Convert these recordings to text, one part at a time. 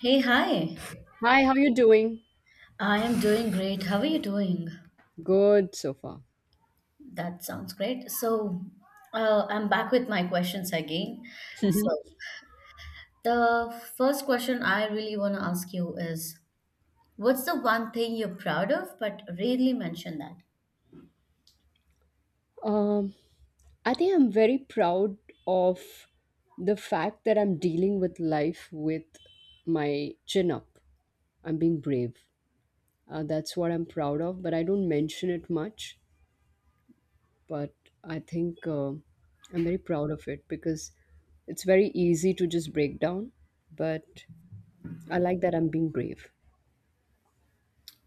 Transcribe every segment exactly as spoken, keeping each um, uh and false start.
Hey, hi. Hi, how you doing? I am doing great. How are you doing? Good so far. That sounds great. So, uh, I'm back with my questions again. So, the first question I really want to ask you is, what's the one thing you're proud of but rarely mention that? Um, I think I'm very proud of the fact that I'm dealing with life with my chin up. I'm being brave. Uh, that's what I'm proud of, but I don't mention it much. But I think uh, I'm very proud of it because it's very easy to just break down. But I like that I'm being brave.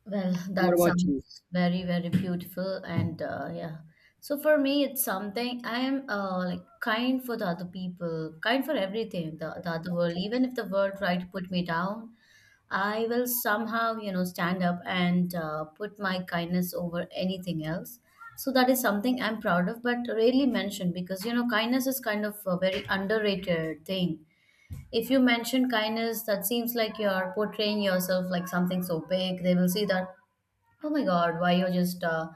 Well, What that about sounds you? very, very beautiful. And uh, yeah, so for me, it's something I am uh, like kind for the other people, kind for everything, the, the other world. Even if the world tried to put me down, I will somehow, you know, stand up and uh, put my kindness over anything else. So that is something I'm proud of, but rarely mentioned because, you know, kindness is kind of a very underrated thing. If you mention kindness, that seems like you're portraying yourself like something so big. They will see that, oh my God, why you're just uh,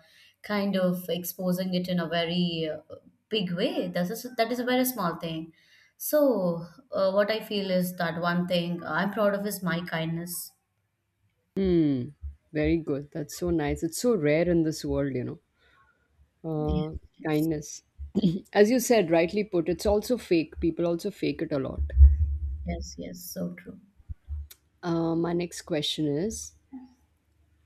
kind of exposing it in a very uh, big way. That is that is a very small thing. So uh, what I feel is that one thing I'm proud of is my kindness. Hmm, very good. That's so nice. It's so rare in this world, you know. Yes, uh, yes, Kindness. As you said, rightly put, it's also fake. People also fake it a lot. yes, yes. So true. Uh, my next question is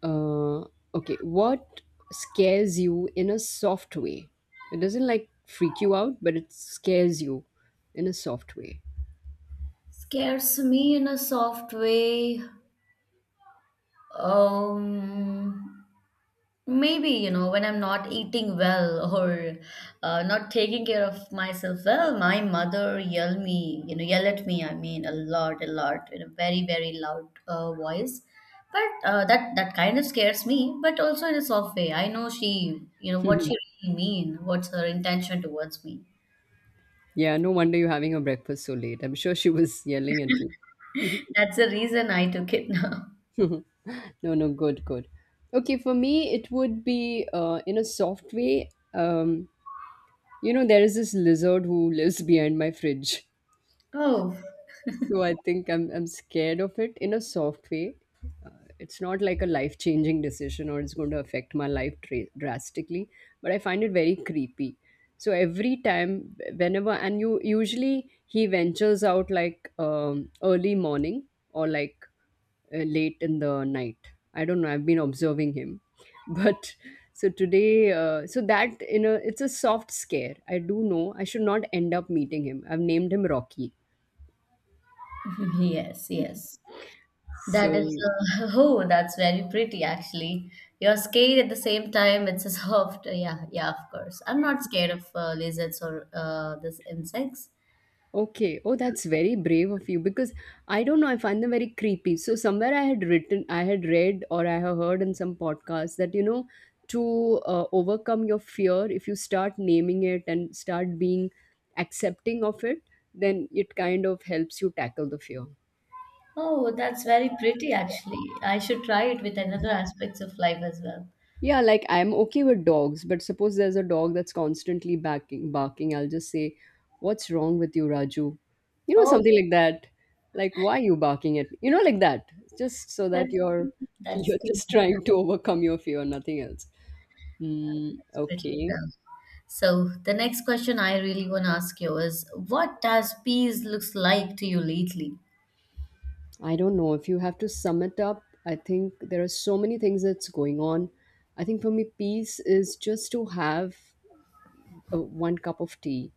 uh, okay, what scares you in a soft way? It doesn't like freak you out, but it scares you in a soft way. Scares me in a soft way. Um, Maybe, you know, when I'm not eating well or uh, not taking care of myself well, my mother yell me, you know, yell at me, I mean, a lot, a lot, in a very, very loud uh, voice. But uh, that that kind of scares me, but also in a soft way. I know she, you know, what she really mean, what's her intention towards me. Yeah, no wonder you're having your breakfast so late. I'm sure she was yelling at you. That's the reason I took it now. No, no, good, good. Okay, for me, it would be uh, in a soft way. Um, You know, there is this lizard who lives behind my fridge. Oh, So I think I'm I'm scared of it in a soft way. It's not like a life-changing decision or it's going to affect my life dra- drastically, but I find it very creepy. So every time whenever and you usually he ventures out like um, early morning or like uh, late in the night. I don't know. I've been observing him, but so today, uh, so that you know, it's a soft scare. I do know I should not end up meeting him. I've named him Rocky. yes, yes. That So is, uh, oh, that's very pretty actually. You're scared at the same time. It's a soft, yeah, yeah, of course. I'm not scared of uh, lizards or uh, this insects. okay, oh, that's very brave of you because I don't know. I find them very creepy. So somewhere I had written, I had read, or I have heard in some podcast that you know to uh, overcome your fear, if you start naming it and start being accepting of it, then it kind of helps you tackle the fear. Oh, that's very pretty actually. I should try it with another aspects of life as well. Yeah, like I'm okay with dogs, but suppose there's a dog that's constantly barking, barking, I'll just say, "What's wrong with you, Raju?" You know, Oh, something like that. Like, why are you barking at me? You know, like that. Just so that that's you're cute. That's you're cute. just trying to overcome your fear, nothing else. Mm, That's pretty. Yeah. okay. So the next question I really want to ask you is, what does peace looks like to you lately? I don't know if you have to sum it up. I think there are so many things that's going on. I think for me, peace is just to have uh, one cup of tea.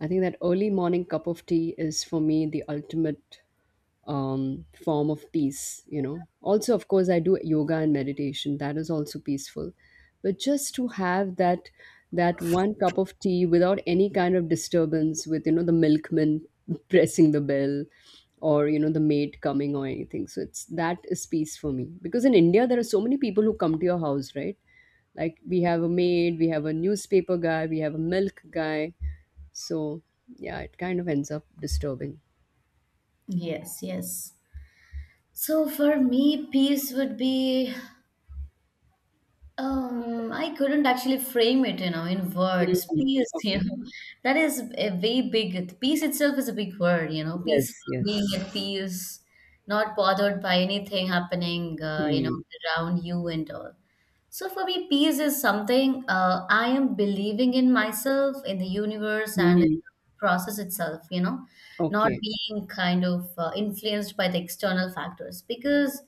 I think that early morning cup of tea is for me the ultimate um, form of peace, you know. Also, of course, I do yoga and meditation. That is also peaceful. But just to have that that one cup of tea without any kind of disturbance with, you know, the milkman pressing the bell or, you know, the maid coming or anything. So it's that is peace for me. Because in India there are so many people who come to your house, right? Like we have a maid, we have a newspaper guy, we have a milk guy, so yeah, it kind of ends up disturbing. Yes, yes. So for me, peace would be Um, I couldn't actually frame it, you know, in words. Peace, you Okay. know, that is a way big. Peace itself is a big word, you know. Peaceful, Yes, yes. being at peace, not bothered by anything happening, uh, you know, Hmm. around you and all. So for me, peace is something uh, I am believing in myself, in the universe, and in Hmm. the process itself, you know, not Okay. being kind of uh, influenced by the external factors. Because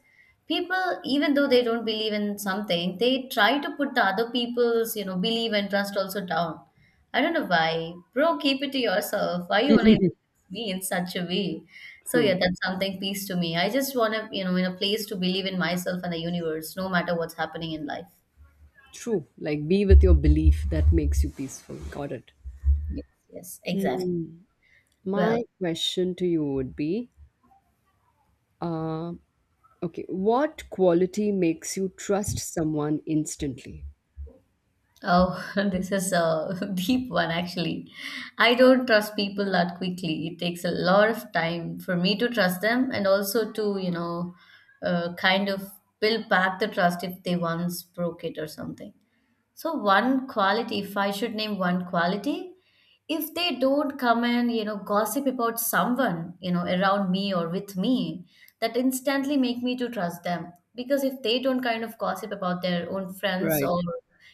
people, even though they don't believe in something, they try to put the other people's, you know, belief and trust also down. I don't know why. Bro, keep it to yourself. Why you want to? Me in such a way. So yeah, True. that's something peace to me. I just want to, you know, in a place to believe in myself and the universe, no matter what's happening in life. True. Like be with your belief that makes you peaceful. Got it. Yes, yes, exactly. Well, My question to you would be, uh, okay, what quality makes you trust someone instantly? oh, this is a deep one actually. I don't trust people that quickly. It takes a lot of time for me to trust them and also to, you know, uh, kind of build back the trust if they once broke it or something. So one quality, if I should name one quality, if they don't come and, you know, gossip about someone, you know, around me or with me, that instantly make me to trust them. Because if they don't kind of gossip about their own friends Right. or,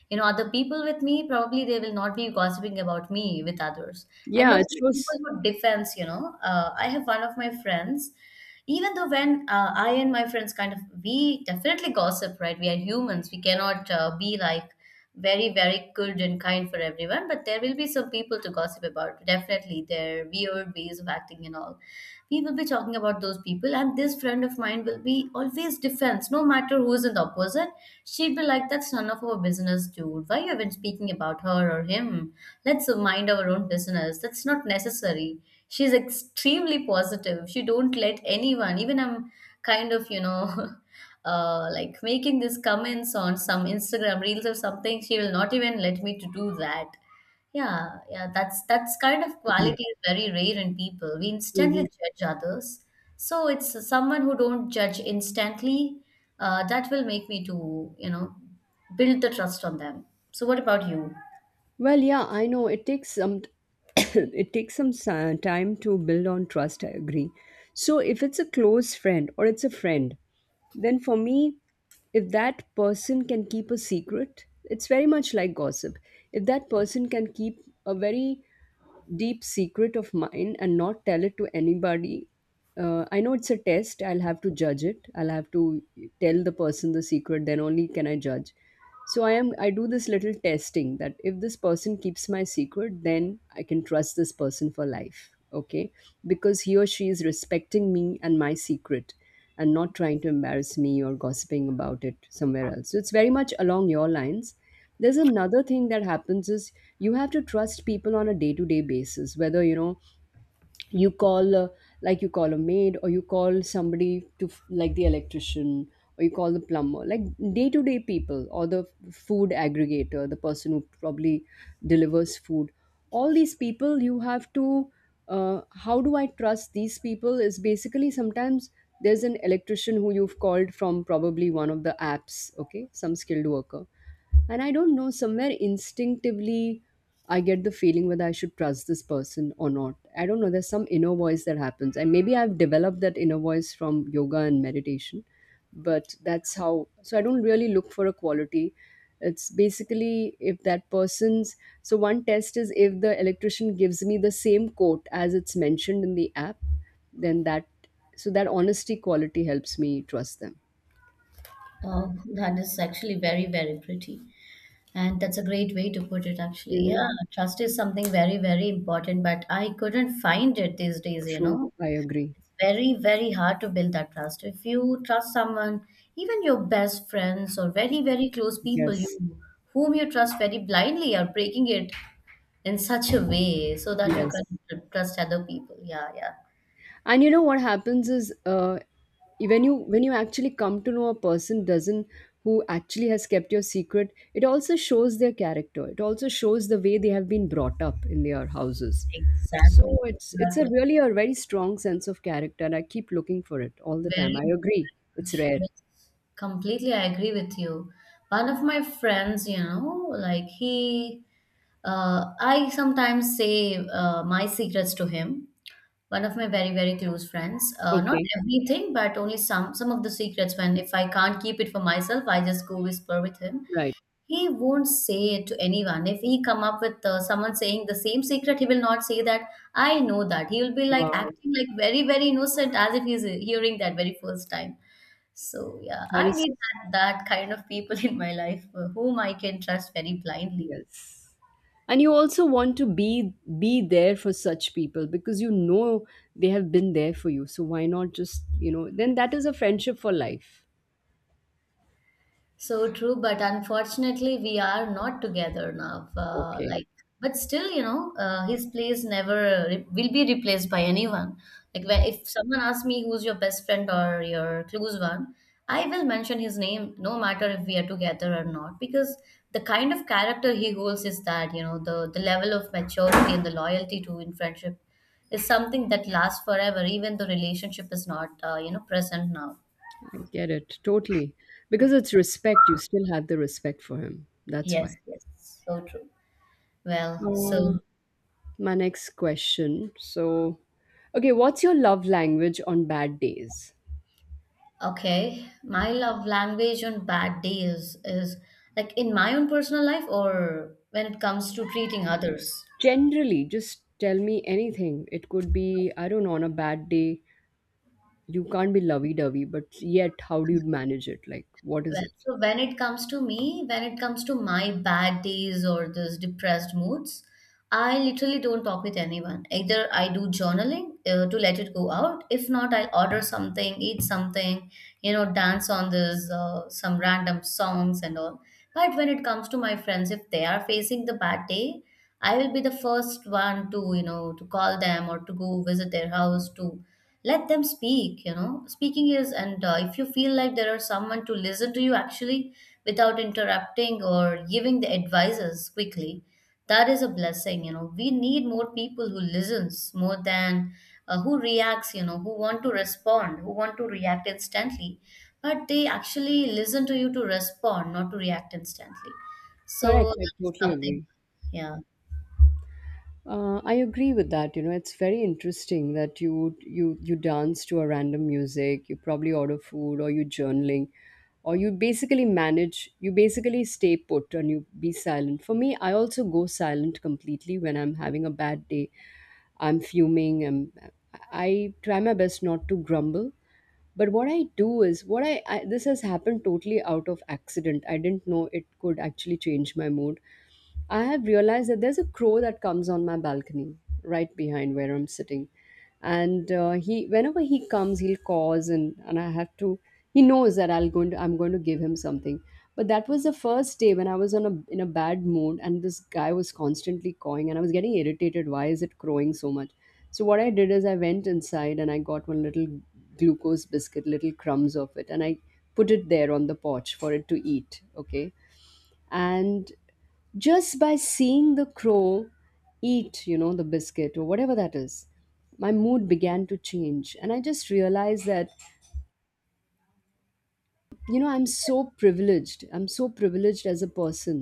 you know, other people with me, probably they will not be gossiping about me with others. And Yeah, also it the people shows. who defense, you know, uh, I have one of my friends even though when uh, I and my friends kind of we definitely gossip, right, we are humans, we cannot uh, be like very, very good and kind for everyone. But there will be some people to gossip about, definitely their weird ways of acting and all. We will be talking about those people, and this friend of mine will be always defense, no matter who's in the opposite. She'd be like, that's none of our business, dude. Why are you even speaking about her or him? Let's mind our own business. That's not necessary, she's extremely positive, she don't let anyone, even I'm kind of, you know, uh like making these comments on some Instagram reels or something, she will not even let me to do that. Yeah, yeah, that's that's kind of quality is very rare in people, we instantly Mhm. judge others. So it's someone who don't judge instantly, uh, that will make me to, you know, build the trust on them. So what about you? Well, yeah, I know it takes some it takes some si- time to build on trust, I agree. So if it's a close friend or it's a friend, then for me, if that person can keep a secret, it's very much like gossip. If that person can keep a very deep secret of mine and not tell it to anybody. Uh, I know it's a test. I'll have to judge it. I'll have to tell the person the secret. Then only can I judge. So I am. I do this little testing that if this person keeps my secret, then I can trust this person for life. Okay, because he or she is respecting me and my secret, and not trying to embarrass me or gossiping about it somewhere else. So it's very much along your lines. There's another thing that happens is you have to trust people on a day-to-day basis, whether you know you call uh, like you call a maid, or you call somebody to f- like the electrician, or you call the plumber, like day-to-day people, or the f- food aggregator, the person who probably delivers food. All these people you have to, uh, how do I trust these people is basically sometimes there's an electrician who you've called from probably one of the apps, okay, some skilled worker, and I don't know, somewhere instinctively I get the feeling whether I should trust this person or not. I don't know, there's some inner voice that happens, and maybe I've developed that inner voice from yoga and meditation. But that's how, so I don't really look for a quality. It's basically if that person's, so one test is if the electrician gives me the same quote as it's mentioned in the app, then that, so that honesty quality helps me trust them. Oh, that is actually very, very pretty. And that's a great way to put it, actually. Hmm. Yeah, trust is something very, very important, but I couldn't find it these days, you know. True, I agree. It's very, very hard to build that trust. If you trust someone, even your best friends or very, very close people you Yes, whom you trust very blindly are breaking it in such a way so that you yes, can tr- trust other people. Yeah, yeah. and you know what happens is, uh, when you when you actually come to know a person doesn't, who actually has kept your secret, it also shows their character, it also shows the way they have been brought up in their houses. So Exactly. it's it's a Exactly. really a very strong sense of character, and I keep looking for it all the time, Very I agree. It's much. rare. Yes, completely, I agree with you. One of my friends, you know, like he, uh, I sometimes say uh, my secrets to him. One of my very, very close friends. Uh, not Okay. everything, but only some some of the secrets. When if I can't keep it for myself, I just go whisper with him. Right. He won't say it to anyone. If he come up with uh, someone saying the same secret, he will not say that I know that. He will be like Wow, acting like very, very innocent as if he's hearing that very first time. So yeah, that I is. need that, that kind of people in my life uh, whom I can trust very blindly. Yes. And you also want to be be there for such people because you know they have been there for you. So why not just, you know, then that is a friendship for life. So true, but unfortunately, we are not together now. Uh, Okay. like, but still, you know, uh, his place never re- will be replaced by anyone. Like, when if someone asks me who's your best friend or your close one, I will mention his name, no matter if we are together or not, because the kind of character he holds is that, you know, the the level of maturity and the loyalty to in friendship is something that lasts forever, even the relationship is not, uh, you know, present now. I get it. Totally. Because it's respect. You still have the respect for him. That's Yes, why. yes, so true. Well, so Uh, my next question. So, okay, what's your love language on bad days? okay, my love language on bad days is like in my own personal life or when it comes to treating others. Generally, just tell me anything. It could be, I don't know, on a bad day, you can't be lovey-dovey, but yet how do you manage it, like what is Well, it? so when it comes to me, when it comes to my bad days or those depressed moods, I literally don't talk with anyone. Either I do journaling uh, to let it go out. If not, I'll order something, eat something, you know, dance on this uh, some random songs and all. But when it comes to my friends, if they are facing the bad day, I will be the first one to, you know, to call them or to go visit their house to let them speak, you know. Speaking is, and uh, if you feel like there are someone to listen to you actually without interrupting or giving the advices quickly, that is a blessing, you know. We need more people who listens more than uh, who reacts, you know, who want to respond, who want to react instantly, but they actually listen to you to respond, not to react instantly. So Correct, I that is totally something, agree. yeah. uh, I agree with that. You know, it's very interesting that you you you dance to a random music, you probably order food, or you journaling, or you basically manage, you basically stay put and you be silent. For me, I also go silent completely when I'm having a bad day. I'm fuming. I'm. I try my best not to grumble, but what I do is what I, I this has happened totally out of accident, I didn't know it could actually change my mood. I have realized that there's a crow that comes on my balcony right behind where I'm sitting. And uh, he, whenever he comes, he'll cause, and, and I have to, he knows that I'll going to, I'm going to give him something. But that was the first day when I was on a, in a bad mood and this guy was constantly cawing and I was getting irritated. Why is it crowing so much? So what I did is I went inside and I got one little glucose biscuit, little crumbs of it, and I put it there on the porch for it to eat. Okay, and just by seeing the crow eat, you know, the biscuit or whatever that is, my mood began to change, and I just realized that, you know, I'm so privileged, I'm so privileged as a person,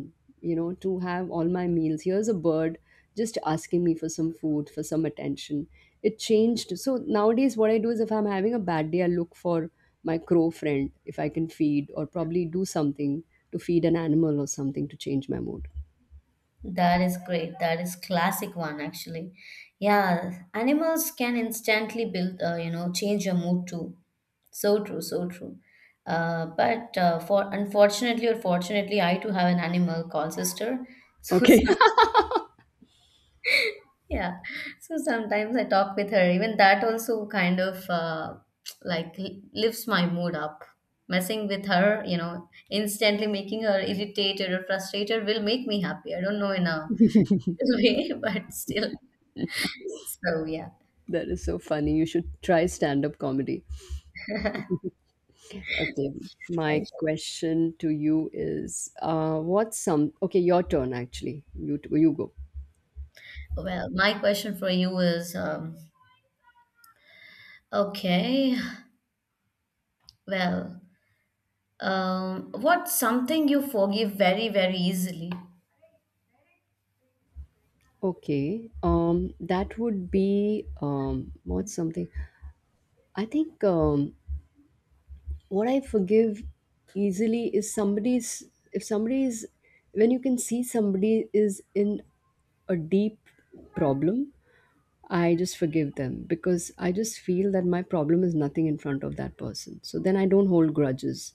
you know, to have all my meals. Here's a bird just asking me for some food, for some attention. It changed. So nowadays what I do is if I'm having a bad day, I look for my crow friend if I can feed, or probably do something to feed an animal or something to change my mood. That is great. That is classic one actually. Yeah, animals can instantly build, uh, you know, change your mood too. So true, so true. Uh, but uh, for unfortunately or fortunately, I too have an animal called sister. So Okay. some, yeah, so sometimes I talk with her. Even that also kind of uh, like li- lifts my mood up. Messing with her, you know, instantly making her irritated or frustrated will make me happy. I don't know enough way, but still. So yeah. That is so funny. You should try stand up comedy. Okay, I- my question to you is uh, what's some. Okay, your turn actually. You, t- you go. Well, my question for you is, um, okay, well, um, what's something you forgive very, very easily? Okay, um, that would be um, what's something. I think um, what I forgive easily is somebody's. If somebody is. When you can see somebody is in a deep problem, I just forgive them because I just feel that my problem is nothing in front of that person. So then I don't hold grudges.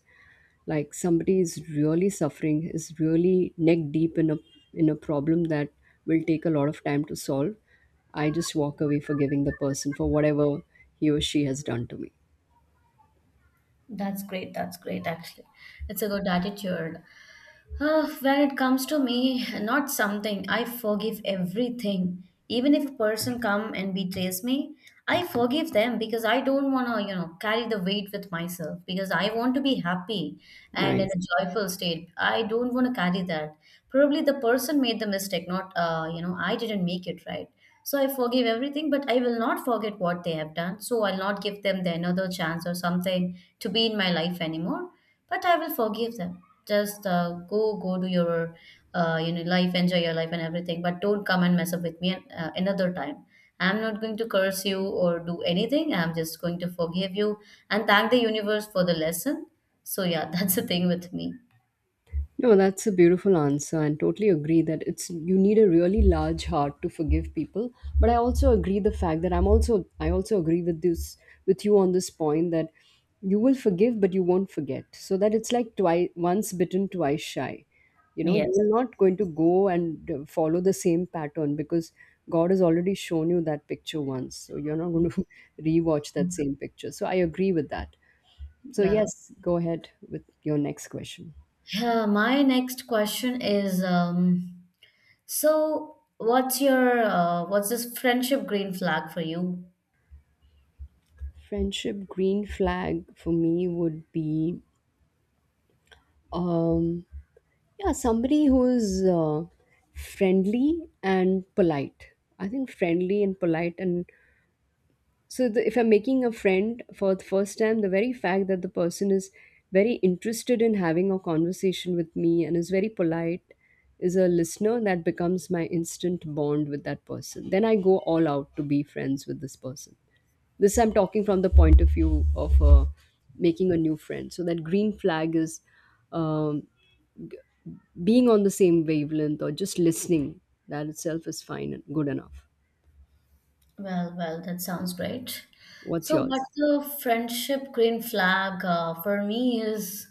Like somebody is really suffering, is really neck deep in a in a problem that will take a lot of time to solve. I just walk away forgiving the person for whatever he or she has done to me. That's great. That's great, actually. It's a good attitude. Uh, when it comes to me, not something. I forgive everything. Even if a person come and betrays me, I forgive them because I don't want to, you know, carry the weight with myself because I want to be happy and in Nice. a joyful state. I don't want to carry that. Probably the person made the mistake, not, uh, you know, I didn't make it right. So I forgive everything, but I will not forget what they have done. So I'll not give them the another chance or something to be in my life anymore, but I will forgive them. Just uh, go go to your uh, you know life, enjoy your life and everything, but don't come and mess up with me an- uh, another time. I'm not going to curse you or do anything, I'm just going to forgive you and thank the universe for the lesson. So yeah, that's the thing with me. No, that's a beautiful answer, and totally agree that it's you need a really large heart to forgive people. But I also agree the fact that I'm also I also agree with this with you on this point that you will forgive but you won't forget. So that it's like twice once bitten, twice shy. You know, you Yes. are not going to go and uh, follow the same pattern because God has already shown you that picture once. So you're not going to rewatch that same picture. So I agree with that. So Well, yes, go ahead with your next question. yeah, my next question is, um so what's your uh, what's this friendship green flag for you? Friendship green flag for me would be um yeah, somebody who's uh, friendly and polite. I think friendly and polite, and so the, if I'm making a friend for the first time, the very fact that the person is very interested in having a conversation with me and is very polite, is a listener, that becomes my instant bond with that person. Then I go all out to be friends with this person. This I'm talking from the point of view of uh, making a new friend. So that green flag is um, being on the same wavelength or just listening. That itself is fine and good enough. Well, well, that sounds great. What's So, yours? what's the friendship green flag uh, for me is,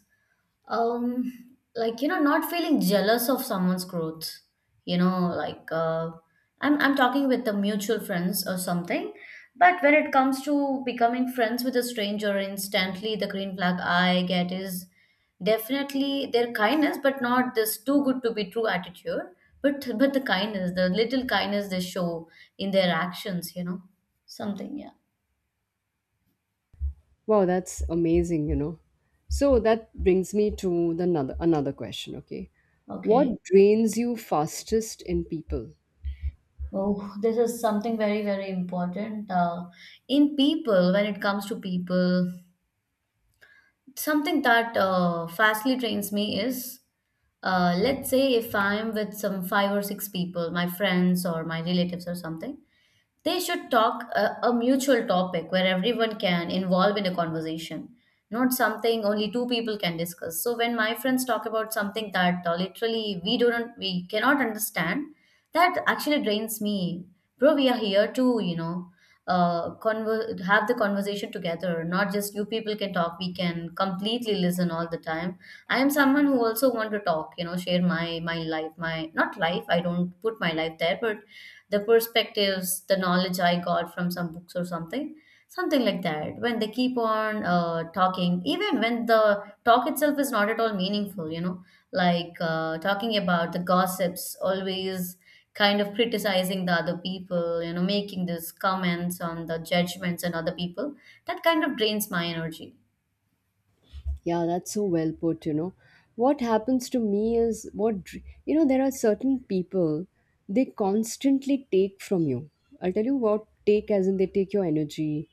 um like, you know, not feeling jealous of someone's growth, you know, like uh, i'm i'm talking with the mutual friends or something. But when it comes to becoming friends with a stranger, instantly the green flag I get is definitely their kindness, but not this too good to be true attitude, but but the kindness, the little kindness they show in their actions, you know, something. Yeah. Wow, that's amazing, you know. So that brings me to the another another question, okay? Okay. What drains you fastest in people? Oh, this is something very, very important uh, in people, when it comes to people. Something that uh, fastly trains me is, uh, let's say if I'm with some five or six people, my friends or my relatives or something, they should talk a, a mutual topic where everyone can involve in a conversation, not something only two people can discuss. So when my friends talk about something that uh, literally we don't we cannot understand, that actually drains me. Bro, we are here to, you know, uh conver- have the conversation together, not just you people can talk, we can completely listen all the time. I am someone who also want to talk, you know, share my my life my not life, I don't put my life there, but the perspectives, the knowledge I got from some books or something, something like that. When they keep on uh, talking, even when the talk itself is not at all meaningful, you know, like uh, talking about the gossips, always kind of criticizing the other people, you know, making these comments on the judgments and other people, that kind of drains my energy. Yeah, that's so well put, you know. What happens to me is what dr- you know, there are certain people, they constantly take from you. I'll tell you what, take as in they take your energy,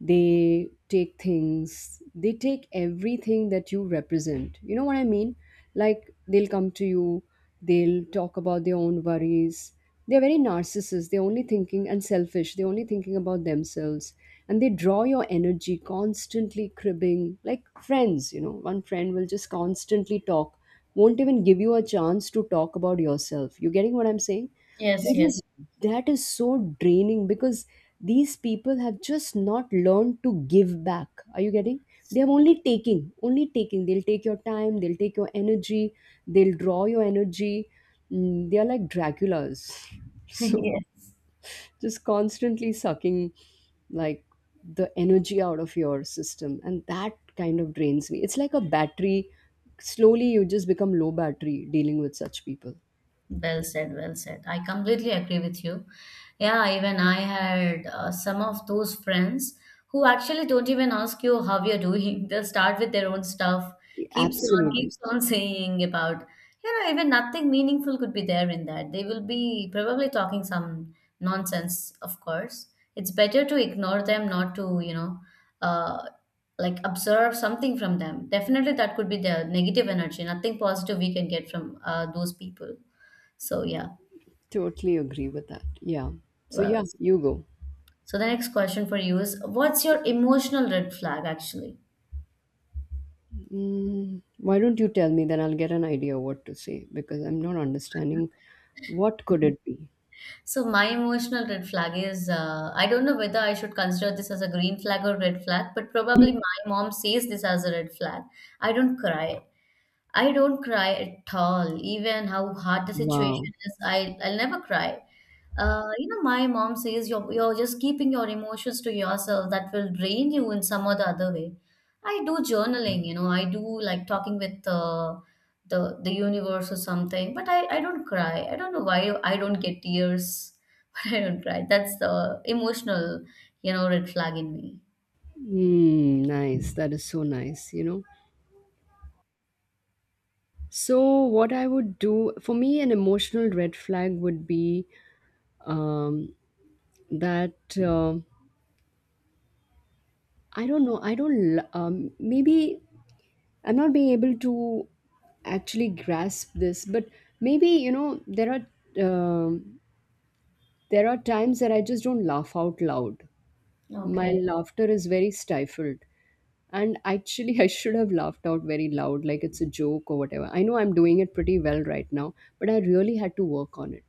they take things, they take everything that you represent, you know what I mean. Like, they'll come to you, they'll talk about their own worries, they're very narcissists, they're only thinking and selfish, they're only thinking about themselves, and they draw your energy constantly, cribbing. Like friends, you know, one friend will just constantly talk, won't even give you a chance to talk about yourself. You getting what I'm saying? Yes, that yes. is that is so draining because these people have just not learned to give back. Are you getting? They have only taking, only taking. They'll take your time, they'll take your energy, they'll draw your energy. Mm, they are like Draculas. So Yes. just constantly sucking, like, the energy out of your system. And that kind of drains me. It's like a battery. Slowly you just become low battery dealing with such people. Well said, well said. I completely agree with you. Yeah, even I had uh, some of those friends who actually don't even ask you how you're doing. They'll start with their own stuff, keeps on, Absolutely. keeps on saying about, you know, even nothing meaningful could be there in that. They will be probably talking some nonsense, of course. It's better to ignore them, not to, you know, uh, like observe something from them. Definitely that could be the negative energy, nothing positive we can get from uh, those people. So yeah. Totally agree with that. Yeah. So Well, yeah, you go. so the next question for you is, what's your emotional red flag actually? Mm, why don't you tell me? Then I'll get an idea what to say, because I'm not understanding. What could it be? So my emotional red flag is, uh, I don't know whether I should consider this as a green flag or red flag, but probably my mom sees this as a red flag. I don't cry. I don't cry at all, even how hard the situation Wow. is. I I'll never cry. Uh, you know, my mom says you're you're just keeping your emotions to yourself. That will drain you in some or the other way. I do journaling, you know, I do like talking with uh, the the universe or something, but I I don't cry. I don't know why I don't get tears, but I don't cry. That's the emotional, you know, red flag in me. Mm, nice. That is so nice, you know. So what I would do, for me, an emotional red flag would be um, that um I don't know. I don't. L- Um, maybe I'm not being able to actually grasp this, but maybe, you know, there are. um there are times that I just don't laugh out loud. My Okay. laughter is very stifled. And actually, I should have laughed out very loud, like it's a joke or whatever. I know I'm doing it pretty well right now, but I really had to work on it.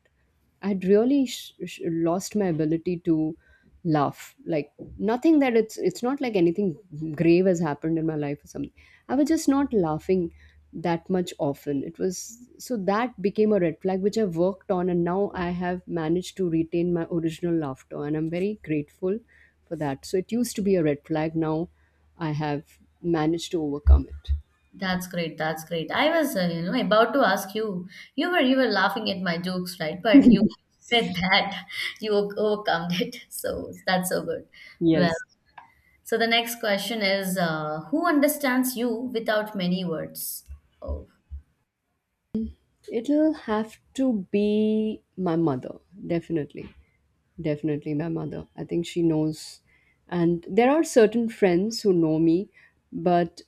I'd really sh- sh- lost my ability to laugh. Like, nothing that it's it's not like anything grave has happened in my life or something. I was just not laughing that much often. It was so that became a red flag which I worked on, and now I have managed to retain my original laughter, and I'm very grateful for that. So it used to be a red flag. Now I have managed to overcome it. That's great. That's great. I was, uh, you know, about to ask you. You were you were laughing at my jokes, right? But you said that you o- overcome it. So that's so good. Well, Yes. so the next question is, uh, who understands you without many words? Oh, It'll have to be my mother, definitely. Definitely my mother. I think she knows. And there are certain friends who know me, but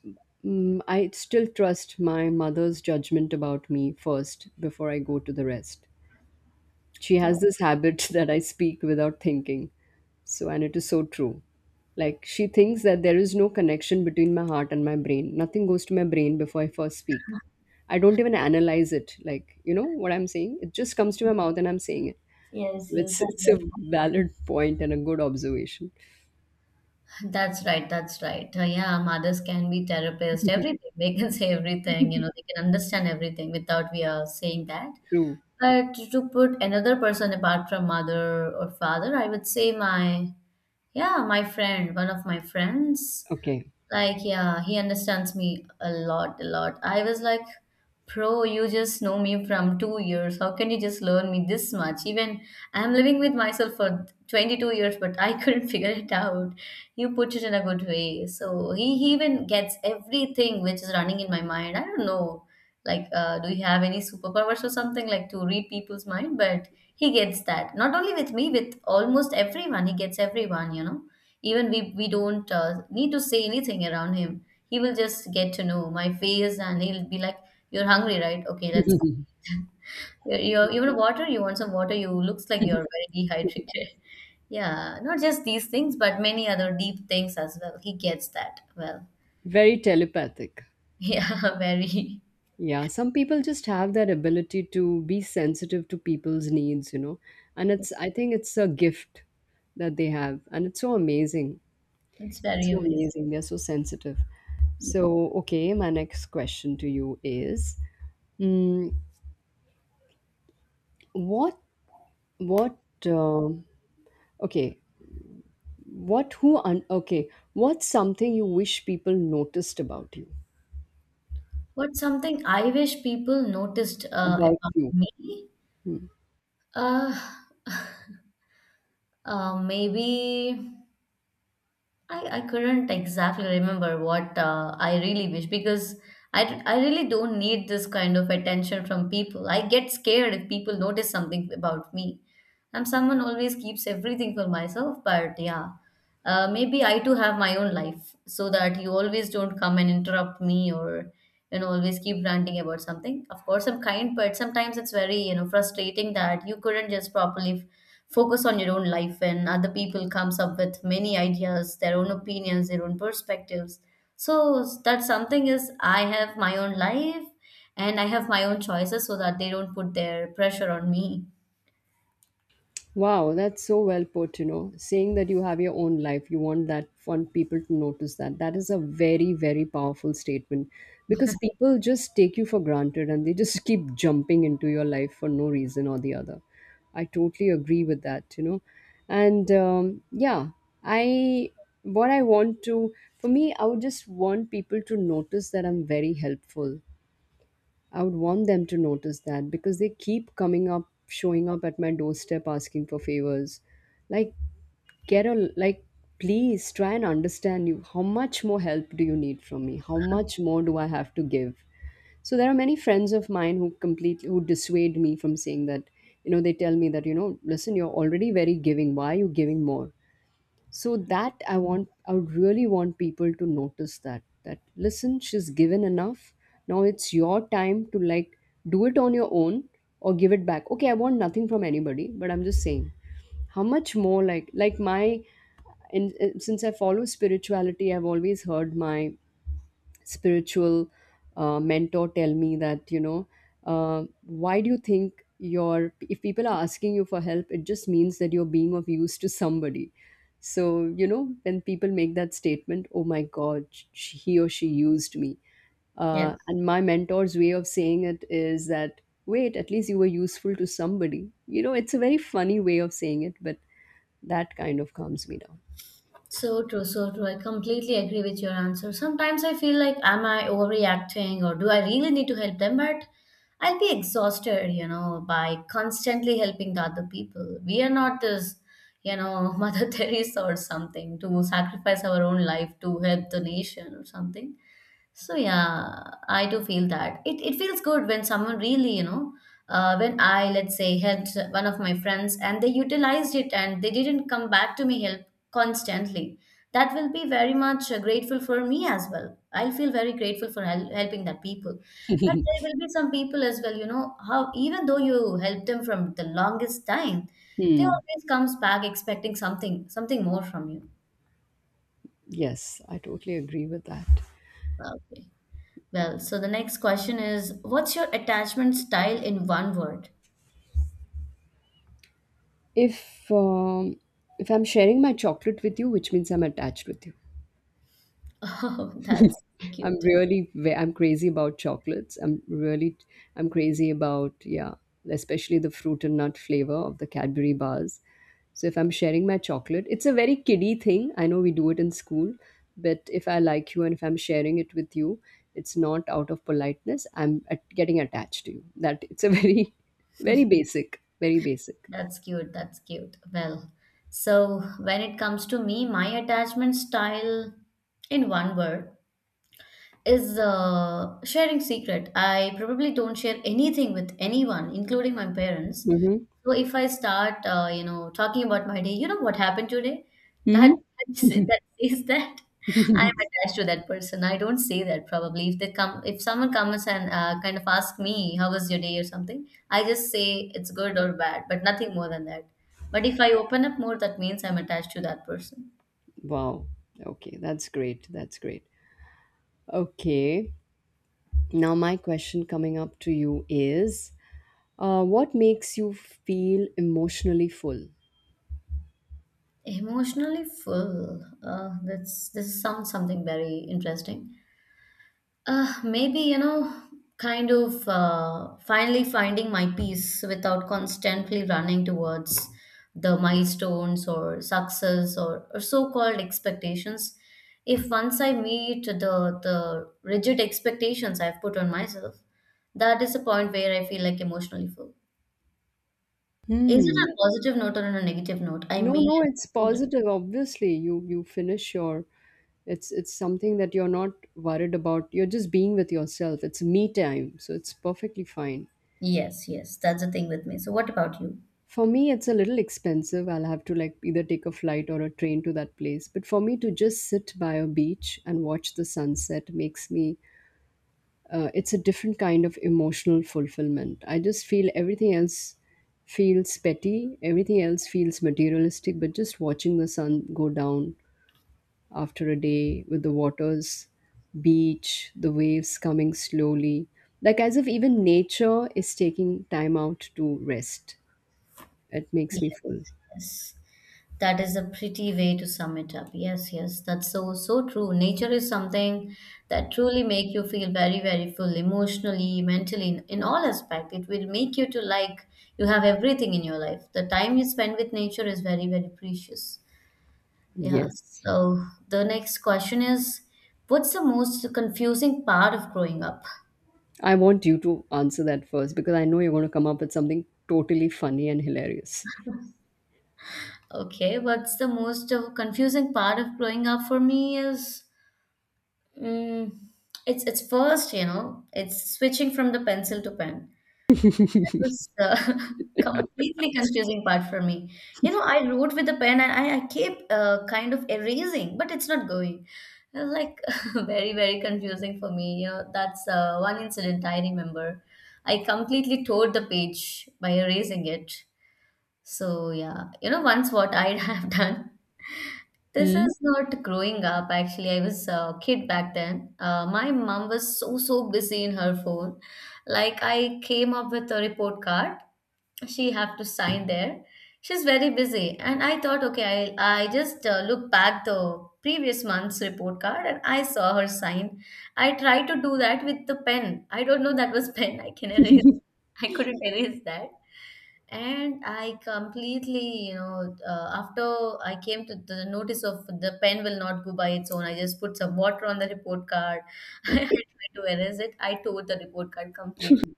mm I still trust my mother's judgment about me first before I go to the rest. She that- has this habit that I speak without thinking. So, and it is so true. Like, she thinks that there is no connection between my heart and my brain. Nothing goes to my brain before I first speak. I don't even analyze it. Like, you know what I'm saying? It just comes to my mouth and I'm saying it. So yes, yes, it's I it's a get valid point and a good observation. that. That's right. That's right. Uh, yeah, mothers can be therapists. Everything they can say everything. You know, they can understand everything without we are saying that. True. But to put another person apart from mother or father, I would say my, yeah, my friend, one of my friends. Okay. Like, yeah, he understands me a lot, a lot. I was like, bro, you just know me from two years. How can you just learn me this much? Even I'm living with myself for twenty two years, but I couldn't figure it out. You put it in a good way. So he, he even gets everything which is running in my mind. I don't know. Like, uh, do you have any superpowers or something like to read people's mind? But he gets that. Not only with me, with almost everyone, he gets everyone, you know? Even we, we don't uh, need to say anything around him. He will just get to know my face and he'll be like, "You're hungry, right? Okay, let's go eat." you you you want water? You want some water? You looks like you're very dehydrated. Yeah, not just these things, but many other deep things as well. He gets that well. Very telepathic. Yeah, very. Yeah, some people just have that ability to be sensitive to people's needs, you know. And it's, I think it's a gift that they have, and it's so amazing. It's It's very so amazing. amazing. They're so sensitive. So, okay, my next question to you is mm, what what um okay, what who un- okay, what's something you wish people noticed about you? What's something I wish people noticed uh, About about you. me? Hmm. Uh, uh, maybe. I, I couldn't exactly remember what uh, I really wish because I, d- I really don't need this kind of attention from people. I get scared if people notice something about me. I'm someone always keeps everything for myself, but yeah, uh, maybe I too have my own life, so that you always don't come and interrupt me or, you know, always keep ranting about something. Of course, I'm kind, but sometimes it's very, you know, frustrating that you couldn't just properly focus on your own life, and other people comes up with many ideas, their own opinions, their own perspectives. So that something is, I have my own life and I have my own choices, so that they don't put their pressure on me. Wow, that's so well put, you know. Saying that you have your own life, you want that, want people to notice that. That is a very, very powerful statement, because people just take you for granted and they just keep jumping into your life for no reason or the other. I totally agree with that, you know. And um, yeah, I what I want to, for me, I would just want people to notice that I'm very helpful. I would want them to notice that, because they keep coming up, showing up at my doorstep asking for favors. Like, get a, like, please try and understand you. How much more help do you need from me? How much more do I have to give? So there are many friends of mine who completely, who dissuade me from saying that, you know, they tell me that, you know, listen, you're already very giving. Why are you giving more? So that i want I would really want people to notice that, that listen, she's given enough. Now it's your time to, like, do it on your own or give it back. Okay, I want nothing from anybody, but I'm just saying, how much more, like like my and uh, since I follow spirituality, I've always heard my spiritual uh, mentor tell me that, you know, uh, why do you think your, if people are asking you for help, it just means that you're being of use to somebody. So, you know, when people make that statement, oh my god, sh he or she used me, Yes. uh, and my mentor's way of saying it is that wait, at least you were useful to somebody, you know. It's a very funny way of saying it, but that kind of calms me down. So true, so true. I completely agree with your answer. Sometimes I feel like, am I overreacting or do I really need to help them? But I'll be exhausted, you know, by constantly helping the other people. We are not this, you know, Mother Teresa or something to sacrifice our own life to help the nation or something. So yeah, I do feel that it, it feels good when someone really, you know, uh, when I, let's say, helped one of my friends and they utilized it and they didn't come back to me help constantly. That will be very much uh, grateful for me as well. I'll feel very grateful for hel- helping that people. But there will be some people as well, you know, how even though you help them from the longest time, they Hmm. always comes back expecting something, something more from you. Yes, I totally agree with that. Okay. Well, so the next question is, what's your attachment style in one word? If um, if I'm sharing my chocolate with you, which means I'm attached with you. Oh, that's I'm cute. really ve- I'm crazy about chocolates. I'm really, I'm crazy about, yeah, especially the fruit and nut flavor of the Cadbury bars. So if I'm sharing my chocolate, it's a very kiddie thing. I know we do it in school, but if I like you and if I'm sharing it with you, it's not out of politeness. I'm at- getting attached to you. That it's a very very basic, very basic. That's cute. That's cute. Well, so when it comes to me, my attachment style in one word is uh, sharing secret. I probably don't share anything with anyone, including my parents. Mhm. So if I start, uh, you know, talking about my day, you know what happened today? That Mhm. that that says that I'm attached to that person. I don't say that probably. If they come, if someone comes and uh, kind of ask me how was your day or something, I just say it's good or bad, but nothing more than that. But if I open up more, that means I'm attached to that person. Wow. Okay, that's great. That's great. Okay. Now, my question coming up to you is uh, what makes you feel emotionally full? Emotionally full. Uh, that's, this sounds something very interesting. Uh, maybe, you know, kind of uh, finally finding my peace without constantly running towards the milestones or success, or, or so-called expectations. If once I meet the the rigid expectations I've put on myself, that is the point where I feel like emotionally full. Is it Hmm. a positive note or on a negative note? I No, mean. no, it's positive. Obviously, you you finish your. It's it's something that you're not worried about. You're just being with yourself. It's me time, so it's perfectly fine. Yes, yes, that's the thing with me. So, what about you? For me, it's a little expensive. I'll have to, like, either take a flight or a train to that place. But for me to just sit by a beach and watch the sunset makes me, uh, it's a different kind of emotional fulfillment. I just feel everything else feels petty, everything else feels materialistic, but just watching the sun go down after a day with the waters, beach, the waves coming slowly, like as if even nature is taking time out to rest. It makes Yes, me full. yes. That is a pretty way to sum it up. Yes, yes, that's so so true. Nature is something that truly make you feel very, very full emotionally, mentally, in, in all aspect. It will make you to like you have everything in your life. The time you spend with nature is very, very precious. Yeah. Yes. So the next question is, what's the most confusing part of growing up? I want you to answer that first because I know you're going to come up with something totally funny and hilarious. Okay, what's the most uh, confusing part of growing up for me is, mm it's it's first, you know, it's switching from the pencil to pen. That was uh, completely confusing part for me. You know, I wrote with the pen and I, I keep uh, kind of erasing, but it's not going. It was like very, very confusing for me. You know, that's uh, one incident I remember. I completely tore the page by erasing it. So yeah, you know, once what I have done. This is not growing up, actually. I was a kid back then. Uh, my mom was so, so busy in her phone. Like, I came up with a report card. She have to sign there. She's very busy. And I thought, okay, I, I just uh, look back the previous month's report card and I saw her sign. I tried to do that with the pen. I don't know that was pen. I can erase. I couldn't erase that. And I completely, you know, uh, after I came to the notice of the pen will not go by its own, I just put some water on the report card. I Mm. tried to erase it. I tore the report card completely.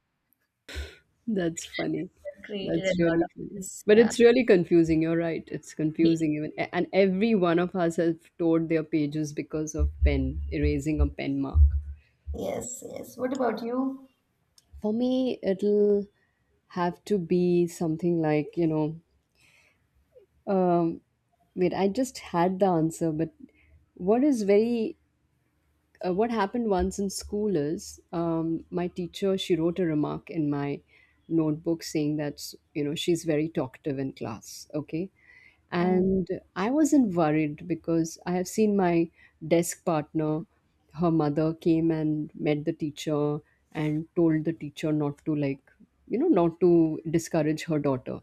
That's funny. That created a That's lot really of funny. this. But Yeah. it's really confusing. You're right. It's confusing even. a- And every one of us have tore their pages because of pen, erasing a pen mark. Yes, yes. What about you? For me, it'll have to be something like, you know, um, wait, I just had the answer, but what is very, uh, what happened once in school is, um, my teacher, she wrote a remark in my notebook saying that, you know, she's very talkative in class. Okay. Um, And I wasn't worried because I have seen my desk partner, her mother came and met the teacher and told the teacher not to, like, you know, not to discourage her daughter.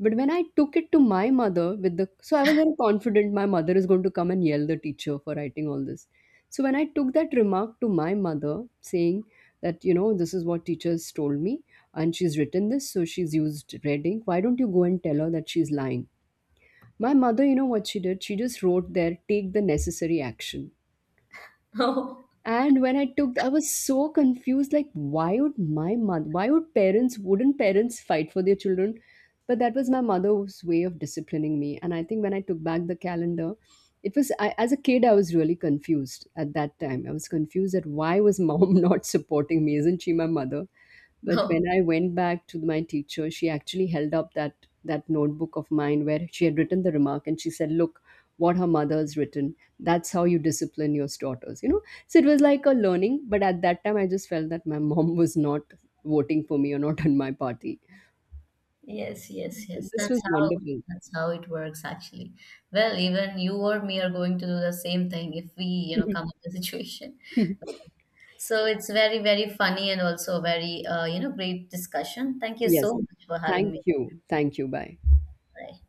But when I took it to my mother with the, so I was very confident my mother is going to come and yell the teacher for writing all this. So when I took that remark to my mother saying that, you know, this is what teachers told me, and she's written this, so she's used reading, why don't you go and tell her that she's lying? My mother, you know what she did? She just wrote there, take the necessary action. oh, And when I took, I was so confused. Like, why would my mother, why would parents, wouldn't parents fight for their children? But that was my mother's way of disciplining me. And I think when I took back the calendar, it was, I, as a kid, I was really confused at that time. I was confused at why was mom not supporting me? Isn't she my mother? no. But Oh, when I went back to my teacher, she actually held up that that notebook of mine where she had written the remark, and she said, "Look, what her mother has written, that's how you discipline your daughters, you know." So it was like a learning, but at that time I just felt that my mom was not voting for me or not in my party. yes, yes, yes. This That's was how wonderful. that's how it works actually. Well, even you or me are going to do the same thing if we, you know, come up with a situation. So it's very, very funny, and also very, uh, you know, great discussion. Thank you Yes. so much for having Thank me. you. Thank you. Bye. Bye.